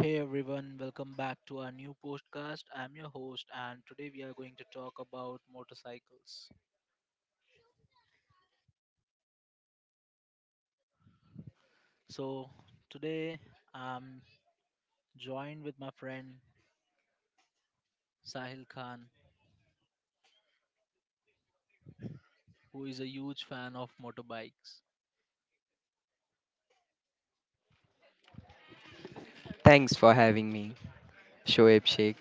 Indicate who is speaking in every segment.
Speaker 1: Hey everyone, welcome back to our new podcast. I'm your host, and today we are going to talk about motorcycles. So, today I'm joined with my friend Sahil Khan, who is a huge fan of motorbikes.
Speaker 2: Thanks for having me, Shoaib Sheikh.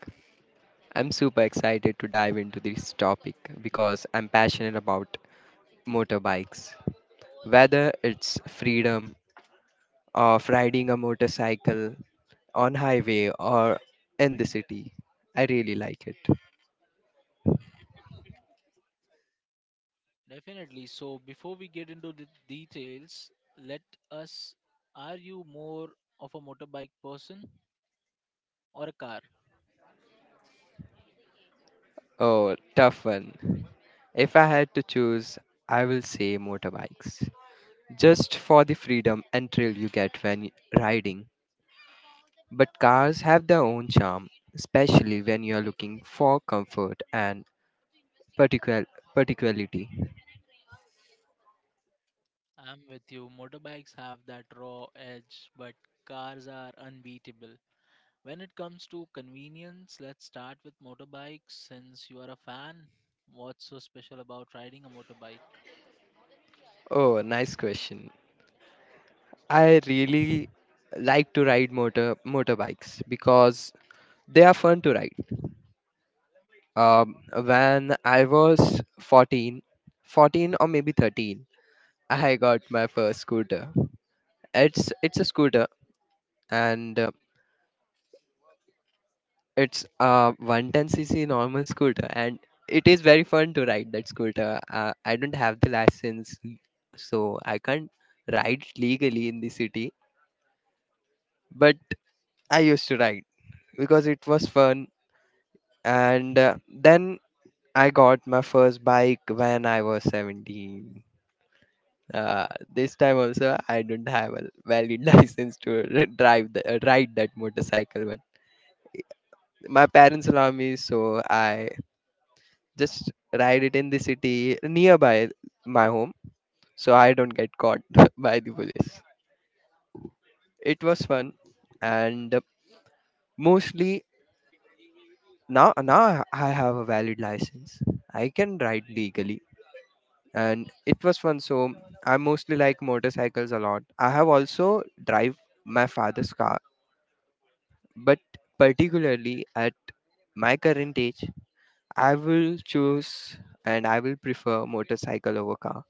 Speaker 2: I'm super excited to dive into this topic because I'm passionate about motorbikes. Whether it's freedom of riding a motorcycle on highway or in the city, I really like it.
Speaker 1: Definitely. So, before we get into the details, let us are you more of a motorbike person or a car?
Speaker 2: Oh, tough one. If I had to choose, I will say motorbikes. Just for the freedom and thrill you get when riding. But cars have their own charm, especially when you're looking for comfort and particular particularity.
Speaker 1: I'm with you. Motorbikes have that raw edge, but cars are unbeatable. When it comes to convenience, let's start with motorbikes since you are a fan. What's so special about riding a motorbike?
Speaker 2: Oh, nice question. I really like to ride motorbikes because they are fun to ride. Um, when I was 14, 14 or maybe 13, I got my first scooter. It's a scooter, and it's a 110 cc normal scooter, and it is very fun to ride that scooter. I don't have the license, so I can't ride legally in the city, but I used to ride because it was fun. And then I got my first bike when I was 17. Uh, this time also, I don't have a valid license to ride that motorcycle, but my parents allow me, so I just ride it in the city nearby my home so I don't get caught by the police. It was fun, and mostly now I have a valid license. I can ride legally, and it was fun, so I mostly like motorcycles a lot. I have also drive my father's car, but particularly at my current age I will choose and I will prefer motorcycle over car.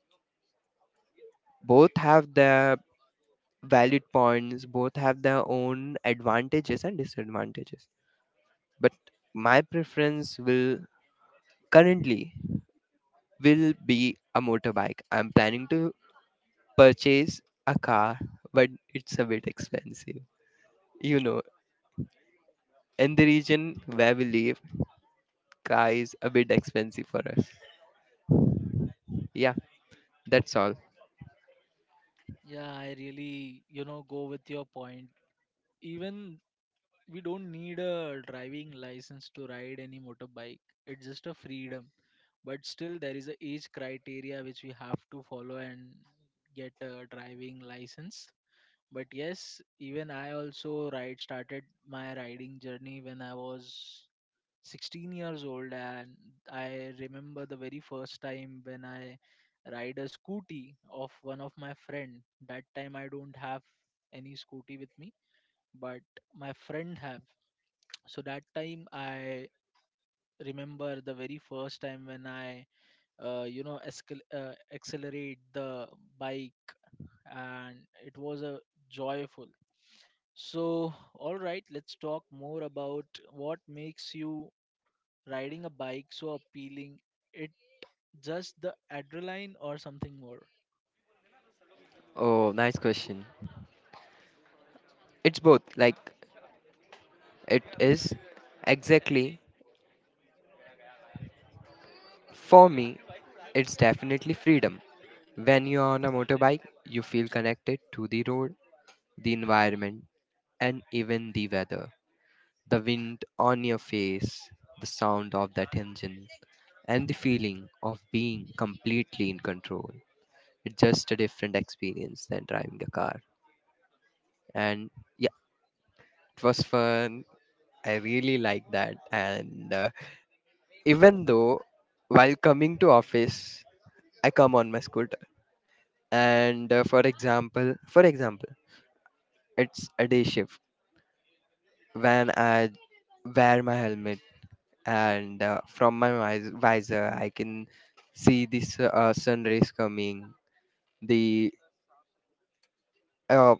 Speaker 2: Both have their valid points. Both have their own advantages and disadvantages, but my preference will, currently, will be a motorbike. I'm planning to purchase a car, but it's a bit expensive you know in the region where we live, car is a bit expensive for us. Yeah, that's all.
Speaker 1: Yeah, I really go with your point. Even we don't need a driving license to ride any motorbike. It's just a freedom. But still, there is a age criteria which we have to follow and get a driving license. But yes, even I also ride started my riding journey when I was 16 years old. And I remember the very first time when I ride a scooty of one of my friend. That time I don't have any scooty with me, but my friend have. So that time I remember the very first time when I accelerate the bike, and it was a joyful. So, all right, let's talk more about what makes you riding a bike so appealing. It just the adrenaline or something more?
Speaker 2: Oh, nice question. It's both, like it is. Exactly. For me, it's definitely freedom. When you're on a motorbike, you feel connected to the road, the environment, and even the weather. The wind on your face, the sound of that engine, and the feeling of being completely in control. It's just a different experience than driving a car. And yeah, it was fun. I really like that. And even though while coming to office, I come on my scooter, and for example, it's a day shift. When I wear my helmet and from my visor, I can see this sun rays coming. The uh,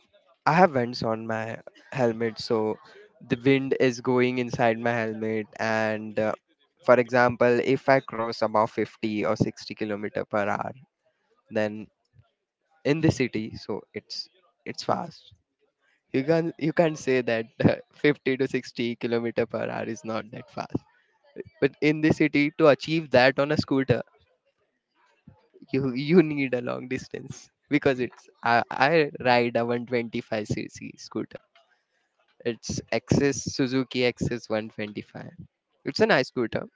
Speaker 2: I have vents on my helmet, so the wind is going inside my helmet. And for example, if I cross about 50 or 60 kilometer per hour, then in the city, so it's fast. You can't say that 50 to 60 kilometer per hour is not that fast. But in the city, to achieve that on a scooter, you need a long distance, because I ride a 125 cc scooter. It's Access Suzuki Access 125. It's a nice scooter,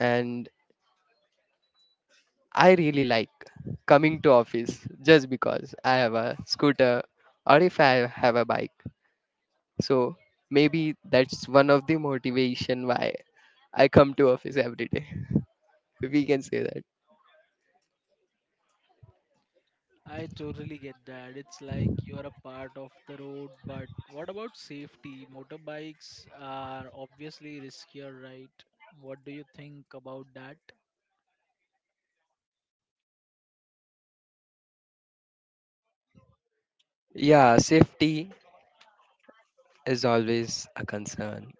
Speaker 2: and I really like coming to office just because I have a scooter or if I have a bike. So maybe that's one of the motivation why I come to office every day. We can say that.
Speaker 1: I totally get that. It's like you're a part of the road, but what about safety? Motorbikes are obviously riskier, right? What do you think about that?
Speaker 2: Yeah, safety is always a concern,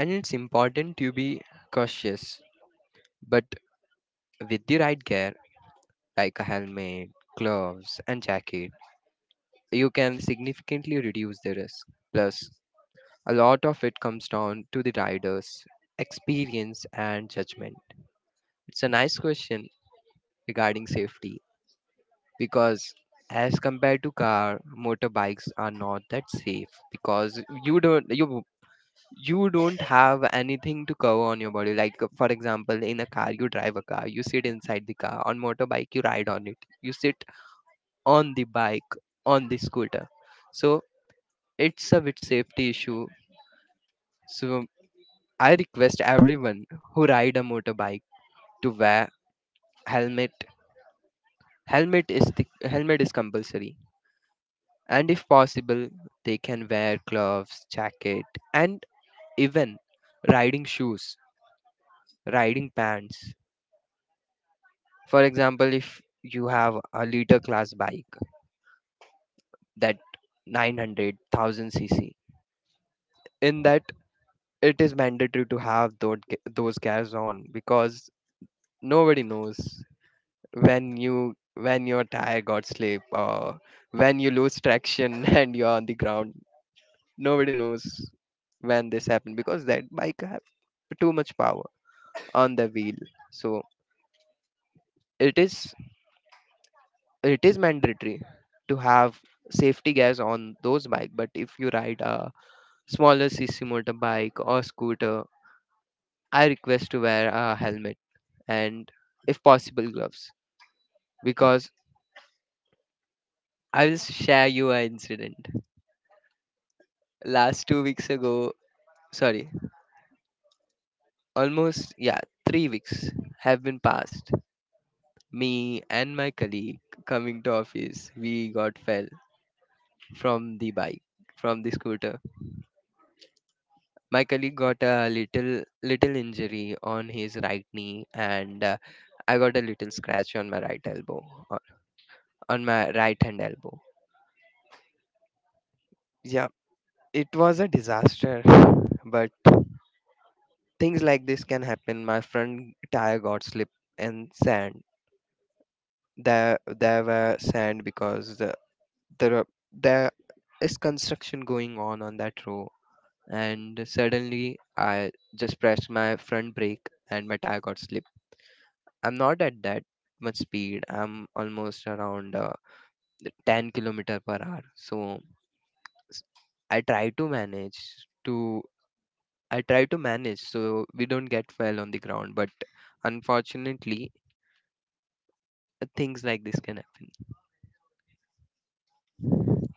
Speaker 2: and it's important to be cautious. But with the right gear, like a helmet, gloves, and jacket, you can significantly reduce the risk. Plus, a lot of it comes down to the rider's experience and judgment. It's a nice question regarding safety, because, as compared to car, motorbikes are not that safe because you don't have anything to cover on your body, like for example, in a car you drive a car, you sit inside the car. On motorbike, you ride on it, you sit on the bike, on the scooter. So it's a bit safety issue. So I request everyone who ride a motorbike to wear helmet. Helmet is the helmet is compulsory. And if possible, they can wear gloves, jacket, and even riding shoes, riding pants. For example, if you have a liter class bike that 900,000 cc, in that it is mandatory to have those gears on, because nobody knows when your tire got slip, or when you lose traction and you're on the ground. Nobody knows when this happened, because that bike have too much power on the wheel. So it is it is mandatory to have safety gears on those bike. But if you ride a smaller cc motorbike or scooter, I request to wear a helmet, and if possible, gloves. Because I will share you an incident. Last 2 weeks ago, sorry, almost, yeah, 3 weeks have been passed. Me and my colleague, coming to office, we got fell from the bike, from the scooter. My colleague got a little injury on his right knee, and I got a little scratch on my right elbow, on on my right hand elbow. Yeah, it was a disaster. But things like this can happen. My front tire got slipped in sand. There there were sand, because there is construction going on that road, and suddenly I just pressed my front brake and my tire got slipped. I'm not at that much speed. I'm almost around 10 kilometer per hour. So s- I try to manage to I try to manage so we don't get fell on the ground. But unfortunately, things like this can happen.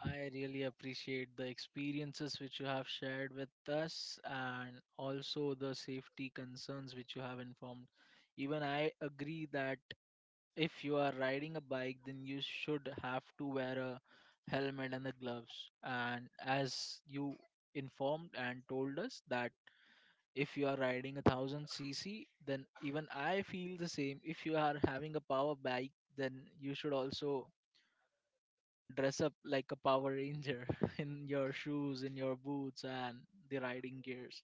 Speaker 1: I really appreciate the experiences which you have shared with us, and also the safety concerns which you have informed. Even I agree that if you are riding a bike, then you should have to wear a helmet and the gloves. And as you informed and told us that if you are riding a thousand cc, then even I feel the same. If you are having a power bike, then you should also dress up like a Power Ranger in your shoes, in your boots, and the riding gears.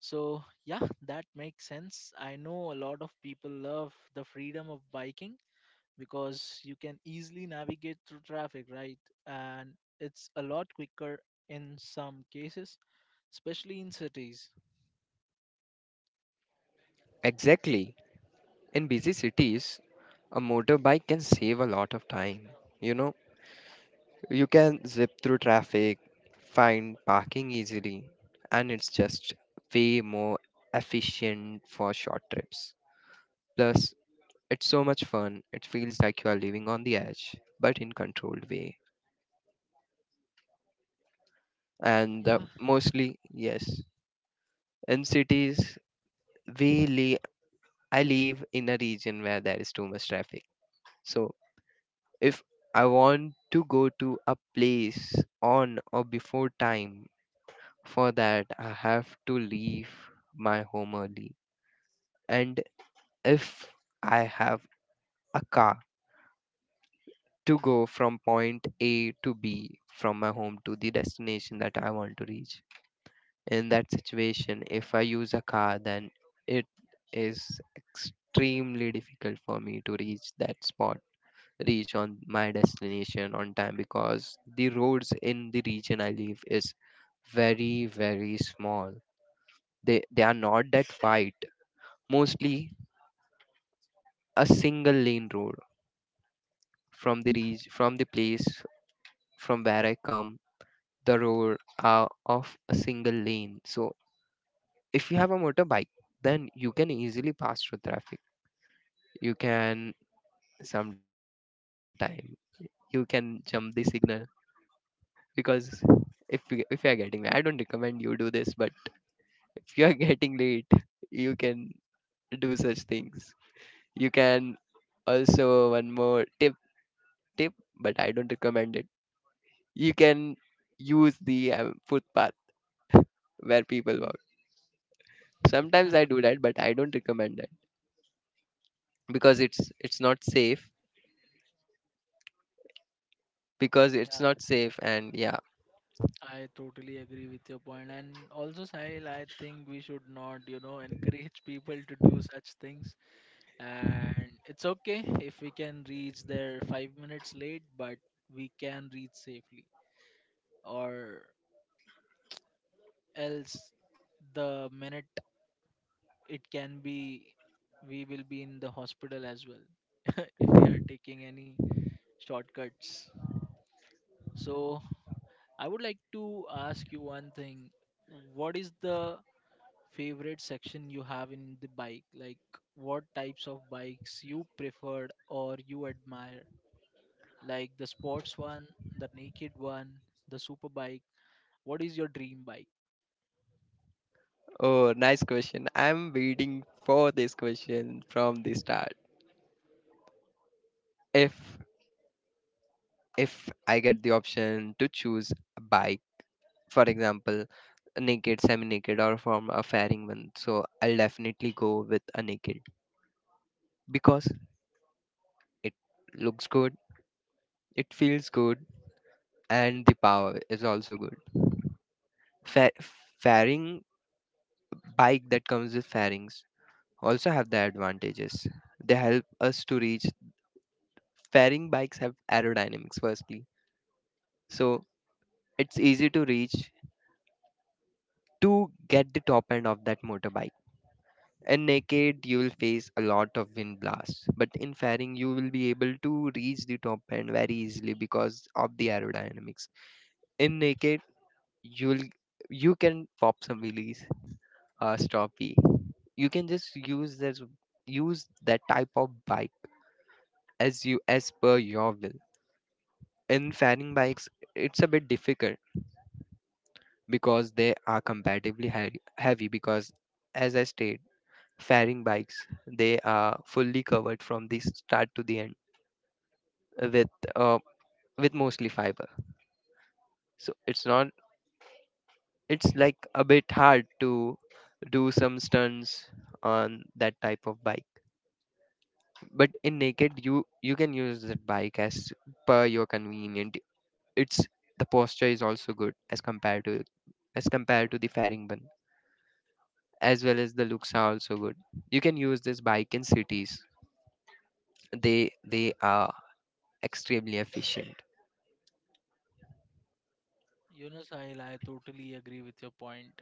Speaker 1: So, yeah, that makes sense. I know a lot of people love the freedom of biking, because you can easily navigate through traffic, right? And it's a lot quicker in some cases, especially in cities.
Speaker 2: Exactly. In busy cities, a motorbike can save a lot of time. You know, you can zip through traffic, find parking easily, and it's just way more efficient for short trips. Plus, it's so much fun. It feels like you are living on the edge, but in controlled way. And
Speaker 1: Yeah,
Speaker 2: mostly, yes, in cities, we live. I live in a region where there is too much traffic. So if I want to go to a place on or before time, for that I have to leave my home early. And if I have a car to go from point A to B, from my home to the destination that I want to reach, in that situation, if I use a car, then it is extremely difficult for me to reach that spot, reach on my destination on time, because the roads in the region I live is very very small. They are not that wide. Mostly a single lane road, from the place from where I come, the road are of a single lane. So if you have a motorbike, then you can easily pass through traffic. You can sometime, you can jump the signal, because if you are getting late, I don't recommend you do this, but if you are getting late, you can do such things. You can also one more tip, but I don't recommend it. You can use the footpath, where people walk. Sometimes I do that, but I don't recommend that because it's not safe. Because it's not
Speaker 1: yeah,
Speaker 2: safe, and yeah.
Speaker 1: I totally agree with your point. And also, Sahil, I think we should not encourage people to do such things. And it's okay if we can reach there 5 minutes late, but we can reach safely. Or else, the minute it can be we will be in the hospital as well if we are taking any shortcuts. So I would like to ask you one thing. What is the favorite section you have in the bike? Like, what types of bikes you preferred or you admire? Like the sports one, the naked one, the super bike, what is your dream bike?
Speaker 2: Oh, nice question. I'm waiting for this question from the start. If if I get the option to choose a bike, for example, a naked, semi-naked, or from a fairing one, so I'll definitely go with a naked, because it looks good, it feels good, and the power is also good. Fa- fairing bike that comes with fairings also have their advantages. They help us to reach. Fairing bikes have aerodynamics, firstly. So it's easy to reach to get the top end of that motorbike. And naked, you will face a lot of wind blasts. But in fairing, you will be able to reach the top end very easily because of the aerodynamics. In naked, you will you can pop some wheelies, stroppy. You can just use that type of bike as per your will. In fairing bikes, it's a bit difficult because they are comparatively heavy, because as I stated, fairing bikes. They are fully covered from the start to the end with uh, with mostly fiber. So it's not it's like a bit hard to do some stunts on that type of bike. But in naked, you can use that bike as per your convenient. It's the posture is also good, as compared to the fairing bun, as well as the looks are also good. You can use this bike in cities. They are extremely efficient.
Speaker 1: You know, Sahil, I totally agree with your point.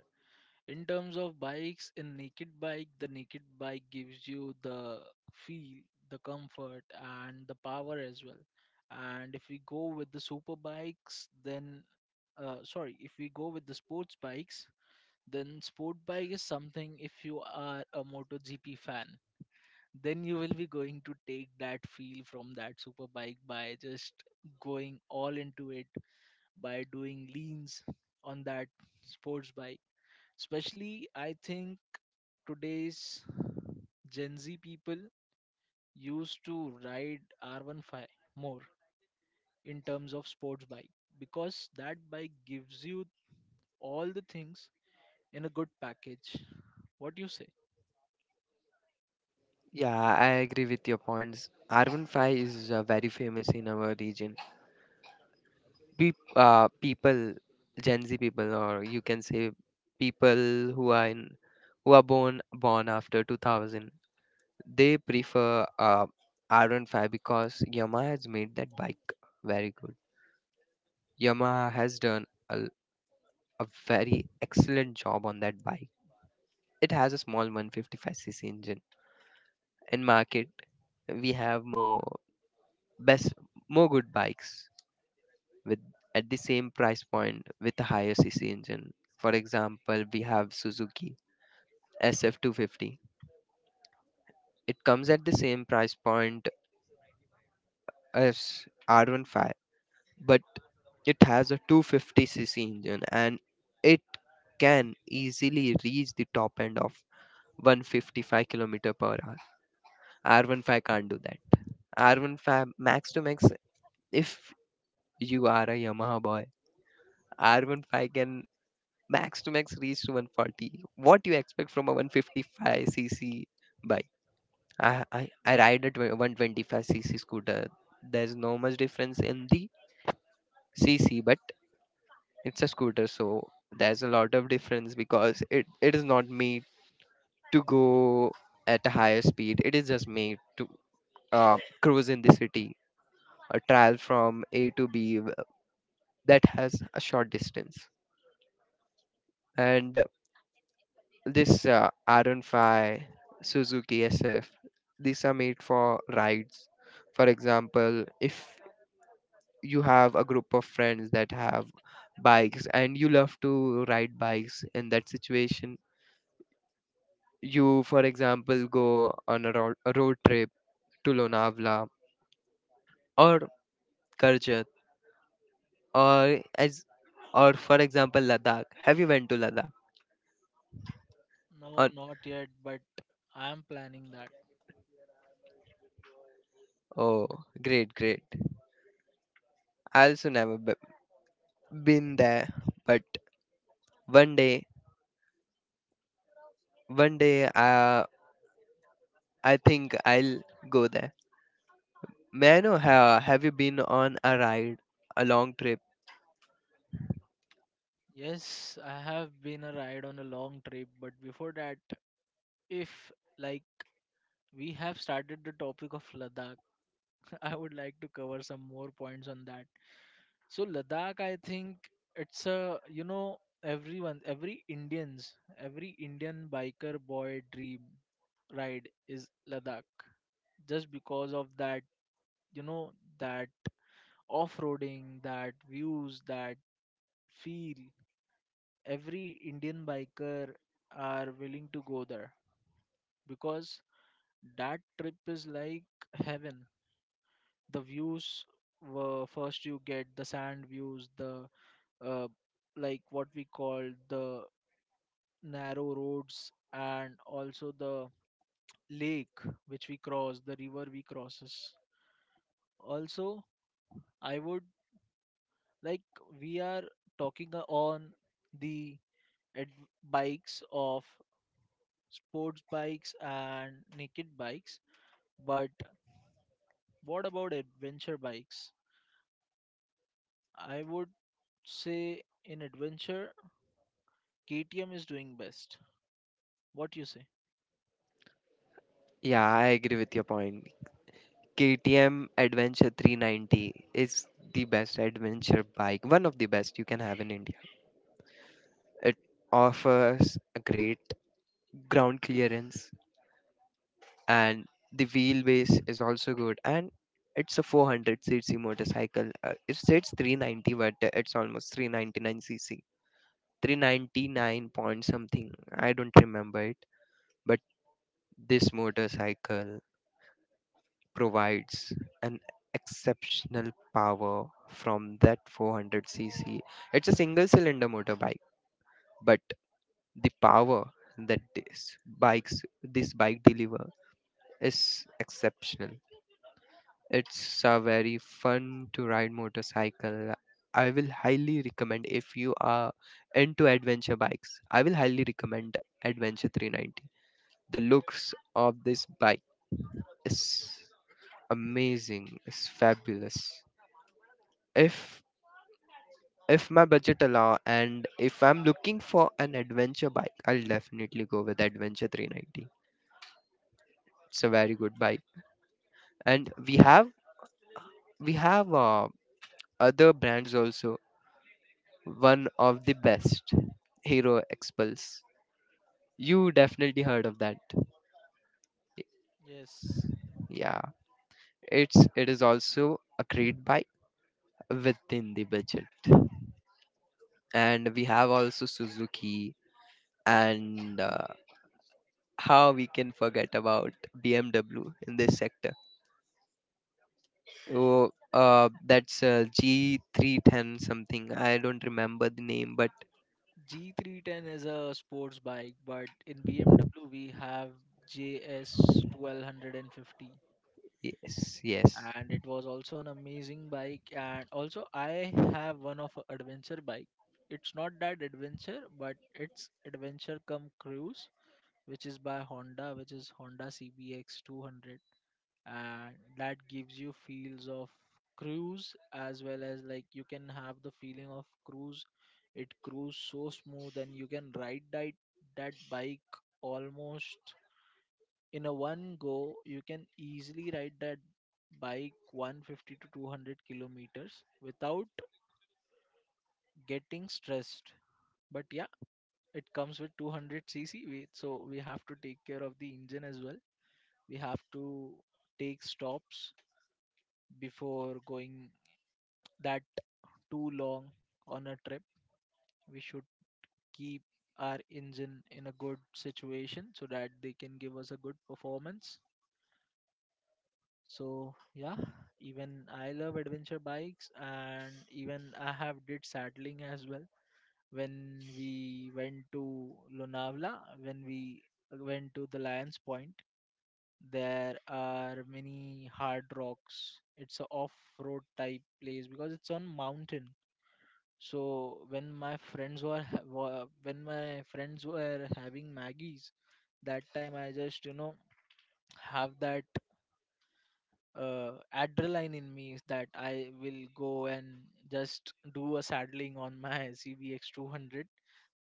Speaker 1: In terms of bikes, in naked bike, the naked bike gives you the feel, the comfort, and the power as well. And if we go with the super bikes, then sorry, if we go with the sports bikes, then sport bike is something. If you are a MotoGP fan, then you will be going to take that feel from that super bike by just going all into it, by doing leans on that sports bike. Especially, I think today's Gen Z people used to ride R15 more in terms of sports bike, because that bike gives you all the things in a good package. What do you say?
Speaker 2: Yeah, I agree with your points. Arvind Five is very famous in our region. People, Gen Z people, or you can say people who are born after 2000, they prefer R15 because Yamaha has made that bike very good. Yamaha has done a very excellent job on that bike. It has a small 155 cc engine. In market, we have best more good bikes with at the same price point with a higher cc engine. For example, we have Suzuki SF250. It comes at the same price point as R15, but it has a 250 cc engine and it can easily reach the top end of 155 kilometer per hour. R15 can't do that. R15 max to max, if you are a Yamaha boy, R15 can max to max reach to 140. What do you expect from a 155 cc bike? I ride a 125 cc scooter. There's no much difference in the cc, but it's a scooter, so there's a lot of difference because it is not made to go at a higher speed. It is just made to cruise in the city, a trial from a to b that has a short distance. And This Aran 5, Suzuki SF, these are made for rides. For example, if you have a group of friends that have bikes and you love to ride bikes, in that situation, you, for example, go on a road trip to Lonavala or Karjat or as or for example Ladakh. Have you went to Ladakh? Or,
Speaker 1: No, not yet, but I am planning that.
Speaker 2: oh, great, great. I also never be- been there, but one day. One day, I think I'll go there. May I know, have you been on a ride, a long trip?
Speaker 1: Yes, I have been a ride on a long trip, but before that, if like we have started the topic of Ladakh, I would like to cover some more points on that. So, Ladakh, I think it's a you know everyone, every Indians, every Indian biker boy dream ride is Ladakh. Just because of that, you know that off-roading, that views, that feel. Every Indian biker are willing to go there, because that trip is like heaven. The views were first you get the sand views, the uh, like what we call, the narrow roads, and also the lake which we cross, the river we crosses. Also, I would like we are talking on the ad- bikes, of sports bikes and naked bikes. But what about adventure bikes? I would say in adventure, KTM is doing best. What you say?
Speaker 2: Yeah, I agree with your point. KTM Adventure 390 is the best adventure bike, one of the best you can have in India. It offers a great ground clearance, and the wheelbase is also good. And it's a 400 cc motorcycle. It says 390, but it's almost 399 cc. 399 point something, I don't remember it. But this motorcycle provides an exceptional power from that 400 cc. It's a single cylinder motorbike, but the power that this bike deliver is exceptional. It's a very fun to ride motorcycle. I will highly recommend, if you are into adventure bikes, I will highly recommend Adventure 390. The looks of this bike is amazing. It's fabulous. If if my budget allow and if I'm looking for an adventure bike, I'll definitely go with Adventure 390. It's a very good bike. And we have other brands also. One of the best, Hero Expulse. You definitely heard of that.
Speaker 1: Yes,
Speaker 2: Yeah, it's, it is also a great bike within the budget. And we have also Suzuki, and how we can forget about BMW in this sector? Oh, that's G310 something. I don't remember the name, but
Speaker 1: G310 is a sports bike, but in BMW we have JS1250,
Speaker 2: yes, yes.
Speaker 1: and it was also an amazing bike. And also I have one of a adventure bike. It's not that adventure, but it's adventure come cruise, which is by Honda, which is Honda CBX 200. And that gives you feels of cruise as well. As like, you can have the feeling of cruise. It cruise so smooth, and you can ride that bike almost in a one go. You can easily ride that bike 150 to 200 kilometers without getting stressed. But yeah, it comes with 200 cc, so we have to take care of the engine as well. We have to take stops before going that too long on a trip. We should keep our engine in a good situation so that they can give us a good performance. So yeah, even I love adventure bikes, and even I have did saddling as well when we went to Lonavala, when we went to the Lions Point. There are many hard rocks. It's a off road type place, because it's on mountain. So when my friends were ha- wa- when my friends were having Maggies, that time I just have that adrenaline in me, is that I will go and just do a saddling on my CBX 200.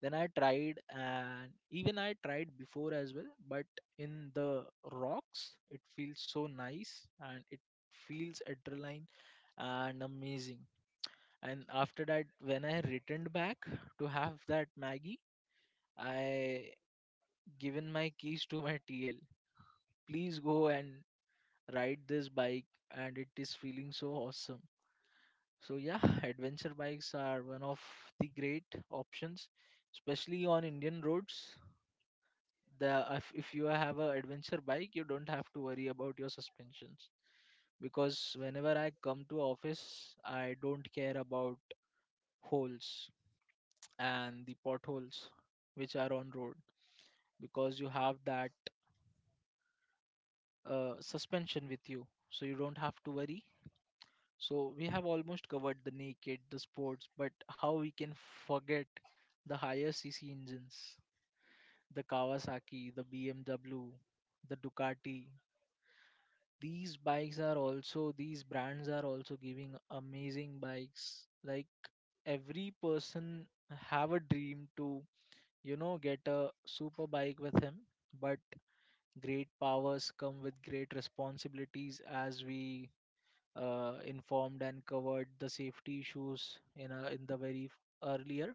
Speaker 1: Then I tried, and even I tried before as well, but in the rocks it feels so nice, and it feels adrenaline and amazing. And after that, when I returned back to have that Maggie, I given my keys to my TL. Please go and ride this bike, and it is feeling so awesome. So yeah, adventure bikes are one of the great options, especially on Indian roads. The if you have a adventure bike, you don't have to worry about your suspensions, because whenever I come to office, I don't care about holes, and the potholes which are on road, because you have that suspension with you, so you don't have to worry. So we have almost covered the naked, the sports, but how we can forget the higher cc engines, the Kawasaki, the BMW, the Ducati. These brands are also giving amazing bikes, like every person have a dream to get a super bike with him. But great powers come with great responsibilities, as we informed and covered the safety issues in the very earlier.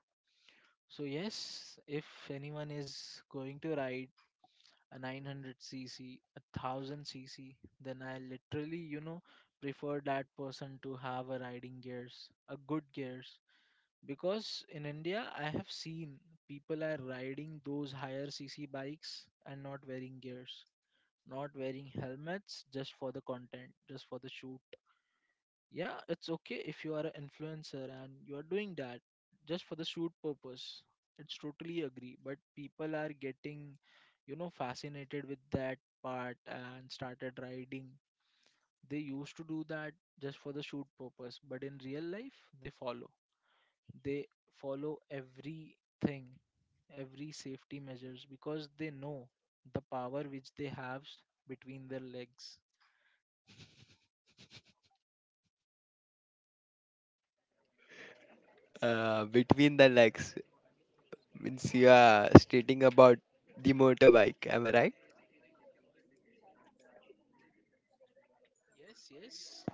Speaker 1: So yes, if anyone is going to ride a 900 cc, a 1000 cc, then I literally prefer that person to have a riding gears, a good gears, because in India I have seen people are riding those higher cc bikes and not wearing gears, not wearing helmets, just for the content, just for the shoot. Yeah, it's okay if you are an influencer and you are doing that just for the shoot purpose. It's totally agree, but people are getting fascinated with that part and started riding. They used to do that just for the shoot purpose, but in real life, they follow. They follow everything, every safety measures, because they know the power which they have between their legs.
Speaker 2: Between the legs means you are stating about the motorbike. Am I right?
Speaker 1: Yes, yes.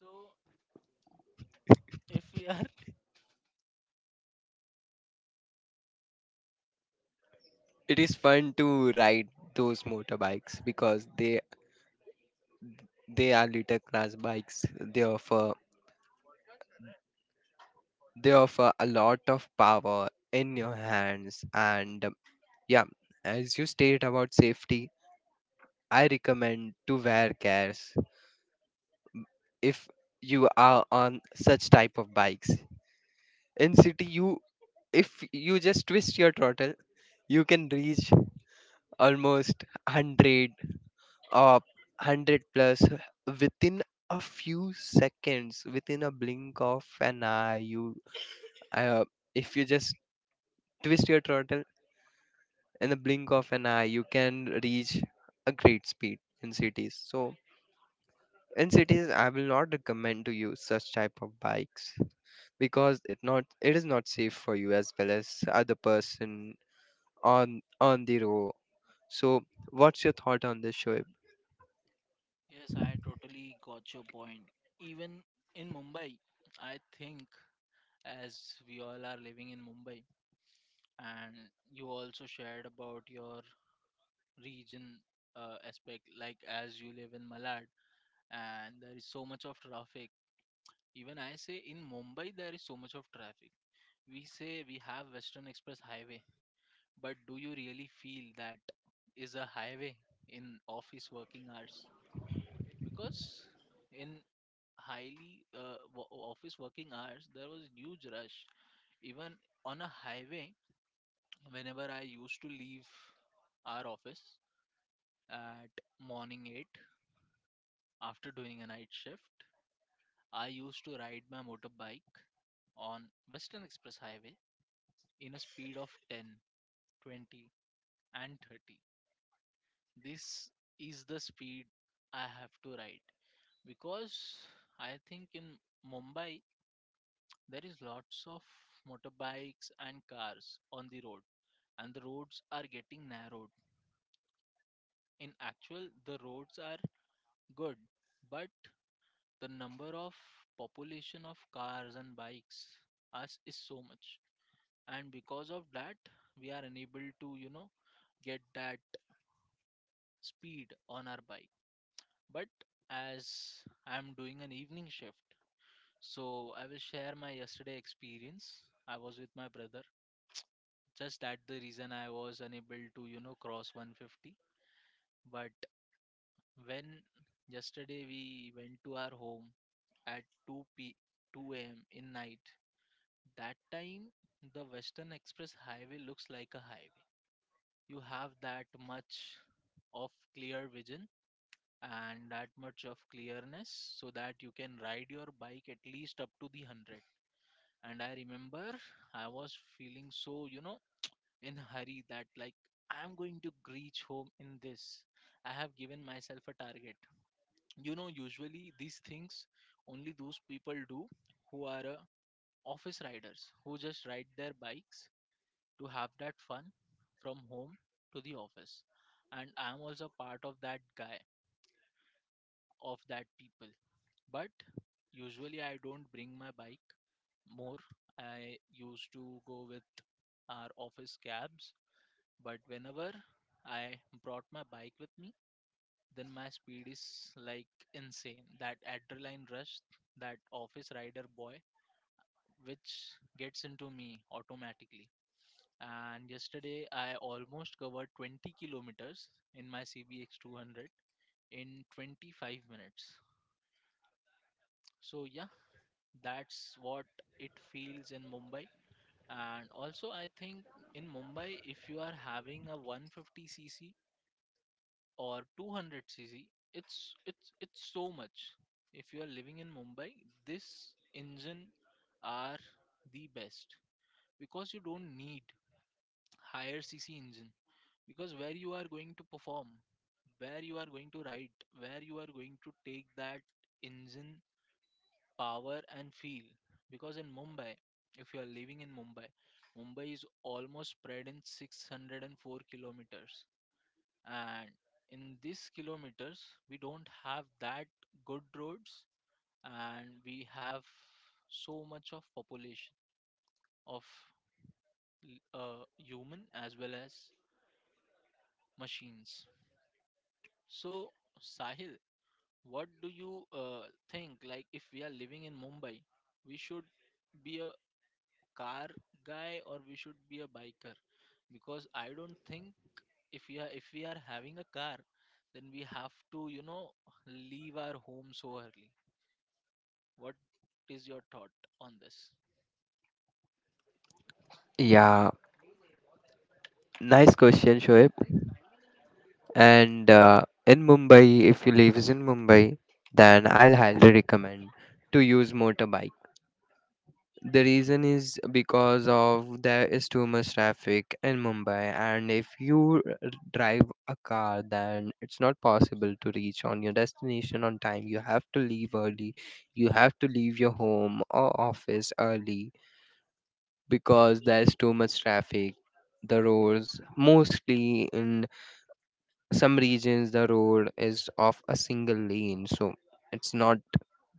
Speaker 1: So if we are,
Speaker 2: It is fun to ride those motorbikes because they are little class bikes. They offer a lot of power in your hands. And yeah, as you state about safety, I recommend to wear cares if you are on such type of bikes. In city, you if you just twist your throttle, you can reach almost 100 or 100 plus within a few seconds, within a blink of an eye. You, uh, if you just twist your throttle, in the blink of an eye, you can reach a great speed in cities. So in cities, I will not recommend to use such type of bikes because it is not safe for you as well as other person on the road. So what's your thought on this, Shoaib?
Speaker 1: yes, I totally got your point. Even in Mumbai, I think as we all are living in Mumbai. And you also shared about your region aspect, like as you live in Malad, and there is so much of traffic. Even I say in Mumbai, there is so much of traffic. We say we have Western Express Highway, but do you really feel that is a highway in office working hours? Because in highly office working hours there was huge rush even on a highway. Whenever I used to leave our office at morning 8 after doing a night shift, I used to ride my motorbike on Western Express Highway in a speed of 10, 20, and 30. This is the speed I have to ride, because I think in Mumbai there is lots of motorbikes and cars on the road, and the roads are getting narrowed. In actual, the roads are good, but the number of population of cars and bikes us is so much, and because of that, we are unable to get that speed on our bike. But as I'm doing an evening shift, so I will share my yesterday experience. I was with my brother, just that the reason I was unable to cross 150. But when yesterday we went to our home at 2 a.m. in night, that time the Western Express Highway looks like a highway. You have that much of clear vision and that much of clearness so that you can ride your bike at least up to the 100. And I remember I was feeling so, you know, in a hurry that like I'm going to reach home in this. I have given myself a target. You know, usually these things only those people do who are office riders who just ride their bikes to have that fun from home to the office. And I'm also part of that guy, of that people. But usually I don't bring my bike more. I used to go with our office cabs. But whenever I brought my bike with me, then my speed is like insane. That adrenaline rush, that office rider boy, which gets into me automatically. And yesterday I almost covered 20 kilometers in my CBX 200 in 25 minutes. So, yeah, that's what it feels in Mumbai. And also, I think in Mumbai, if you are having a 150cc or 200cc, it's so much. If you are living in Mumbai, this engine are the best, because you don't need higher cc engine. Because where you are going to perform, where you are going to ride, where you are going to take that engine power and feel? Because in Mumbai, if you are living in Mumbai, Mumbai is almost spread in 604 kilometers. And in these kilometers we don't have that good roads, and we have so much of population of human as well as machines. So, Sahil, what do you think, like, if we are living in Mumbai, we should be a car guy or we should be a biker? Because I don't think, if we are having a car, then we have to, you know, leave our home so early. What is your thought on this?
Speaker 2: Yeah, nice question, Shoaib. And in Mumbai, if you lives in Mumbai, then I'll highly recommend to use motorbike. The reason is because of there is too much traffic in Mumbai, and if you drive a car, then it's not possible to reach on your destination on time. You have to leave early. You have to leave your home or office early because there's too much traffic. The roads, mostly in some regions, the road is of a single lane, so it's not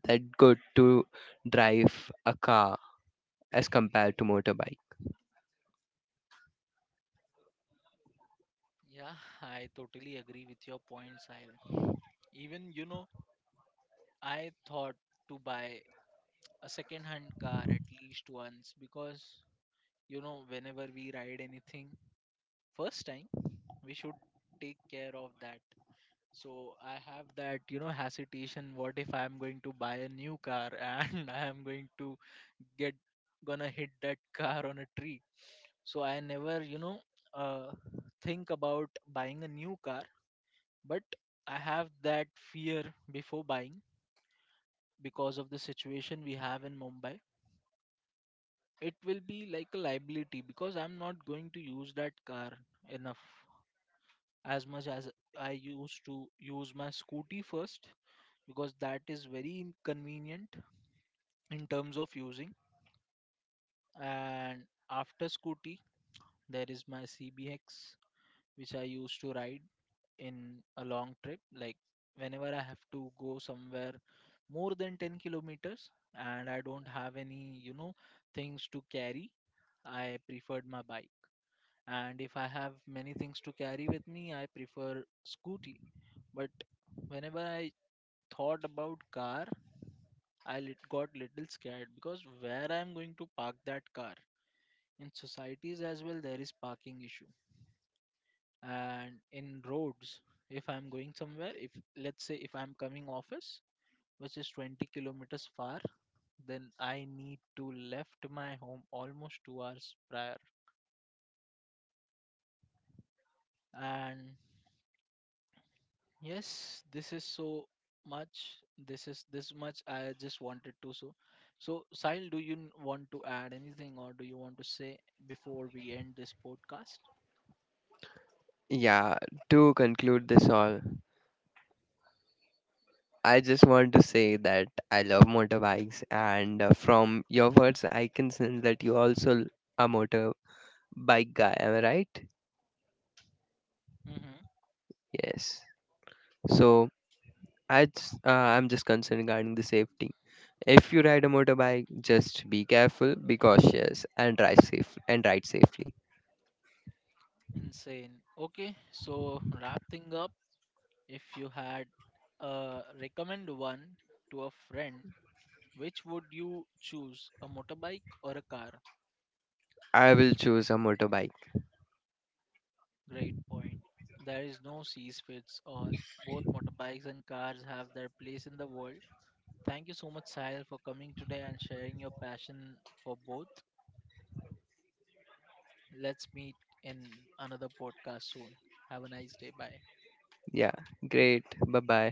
Speaker 2: that good to drive a car as compared to motorbike.
Speaker 1: Yeah, I totally agree with your points, Sahil. Even, you know, I thought to buy a second hand car at least once, because, you know, whenever we ride anything first time, we should take care of that. So I have that, you know, hesitation. What if I'm going to buy a new car and I am going to get gonna hit that car on a tree? So I never, you know, uh, think about buying a new car. But I have that fear before buying, because of the situation we have in Mumbai, it will be like a liability, because I'm not going to use that car enough, as much as I used to use my scooty first, because that is very inconvenient in terms of using. And after scooty there is my CBX, which I used to ride in a long trip. Like whenever I have to go somewhere more than 10 kilometers and I don't have any, you know, things to carry, I preferred my bike. And if I have many things to carry with me, I prefer scooty. But whenever I thought about car, I got little scared, because where I am going to park that car? In societies as well, there is parking issue. And in roads, if I'm going somewhere, if, let's say, if I'm coming office which is 20 kilometers far, then I need to left my home almost 2 hours prior. And yes, this is so much. This is this much I just wanted to so Sahil, do you want to add anything or do you want to say before we end this podcast?
Speaker 2: Yeah, to conclude this all, I just want to say that I love motorbikes, and from your words, I can sense that you also a motorbike guy. Am I right?
Speaker 1: Mm-hmm.
Speaker 2: Yes. So I just, I'm just concerned regarding the safety. If you ride a motorbike, just be careful, be cautious, and drive safe and ride safely.
Speaker 1: Insane. Okay, so wrap thing up. If you had recommend one to a friend, which would you choose, a motorbike or a car?
Speaker 2: I will choose a motorbike.
Speaker 1: Great point. There is no cease fits all. Both motorbikes and cars have their place in the world. Thank you so much, Sahil, for coming today and sharing your passion for both. Let's meet in another podcast soon. Have a nice day. Bye.
Speaker 2: Yeah, great. Bye bye.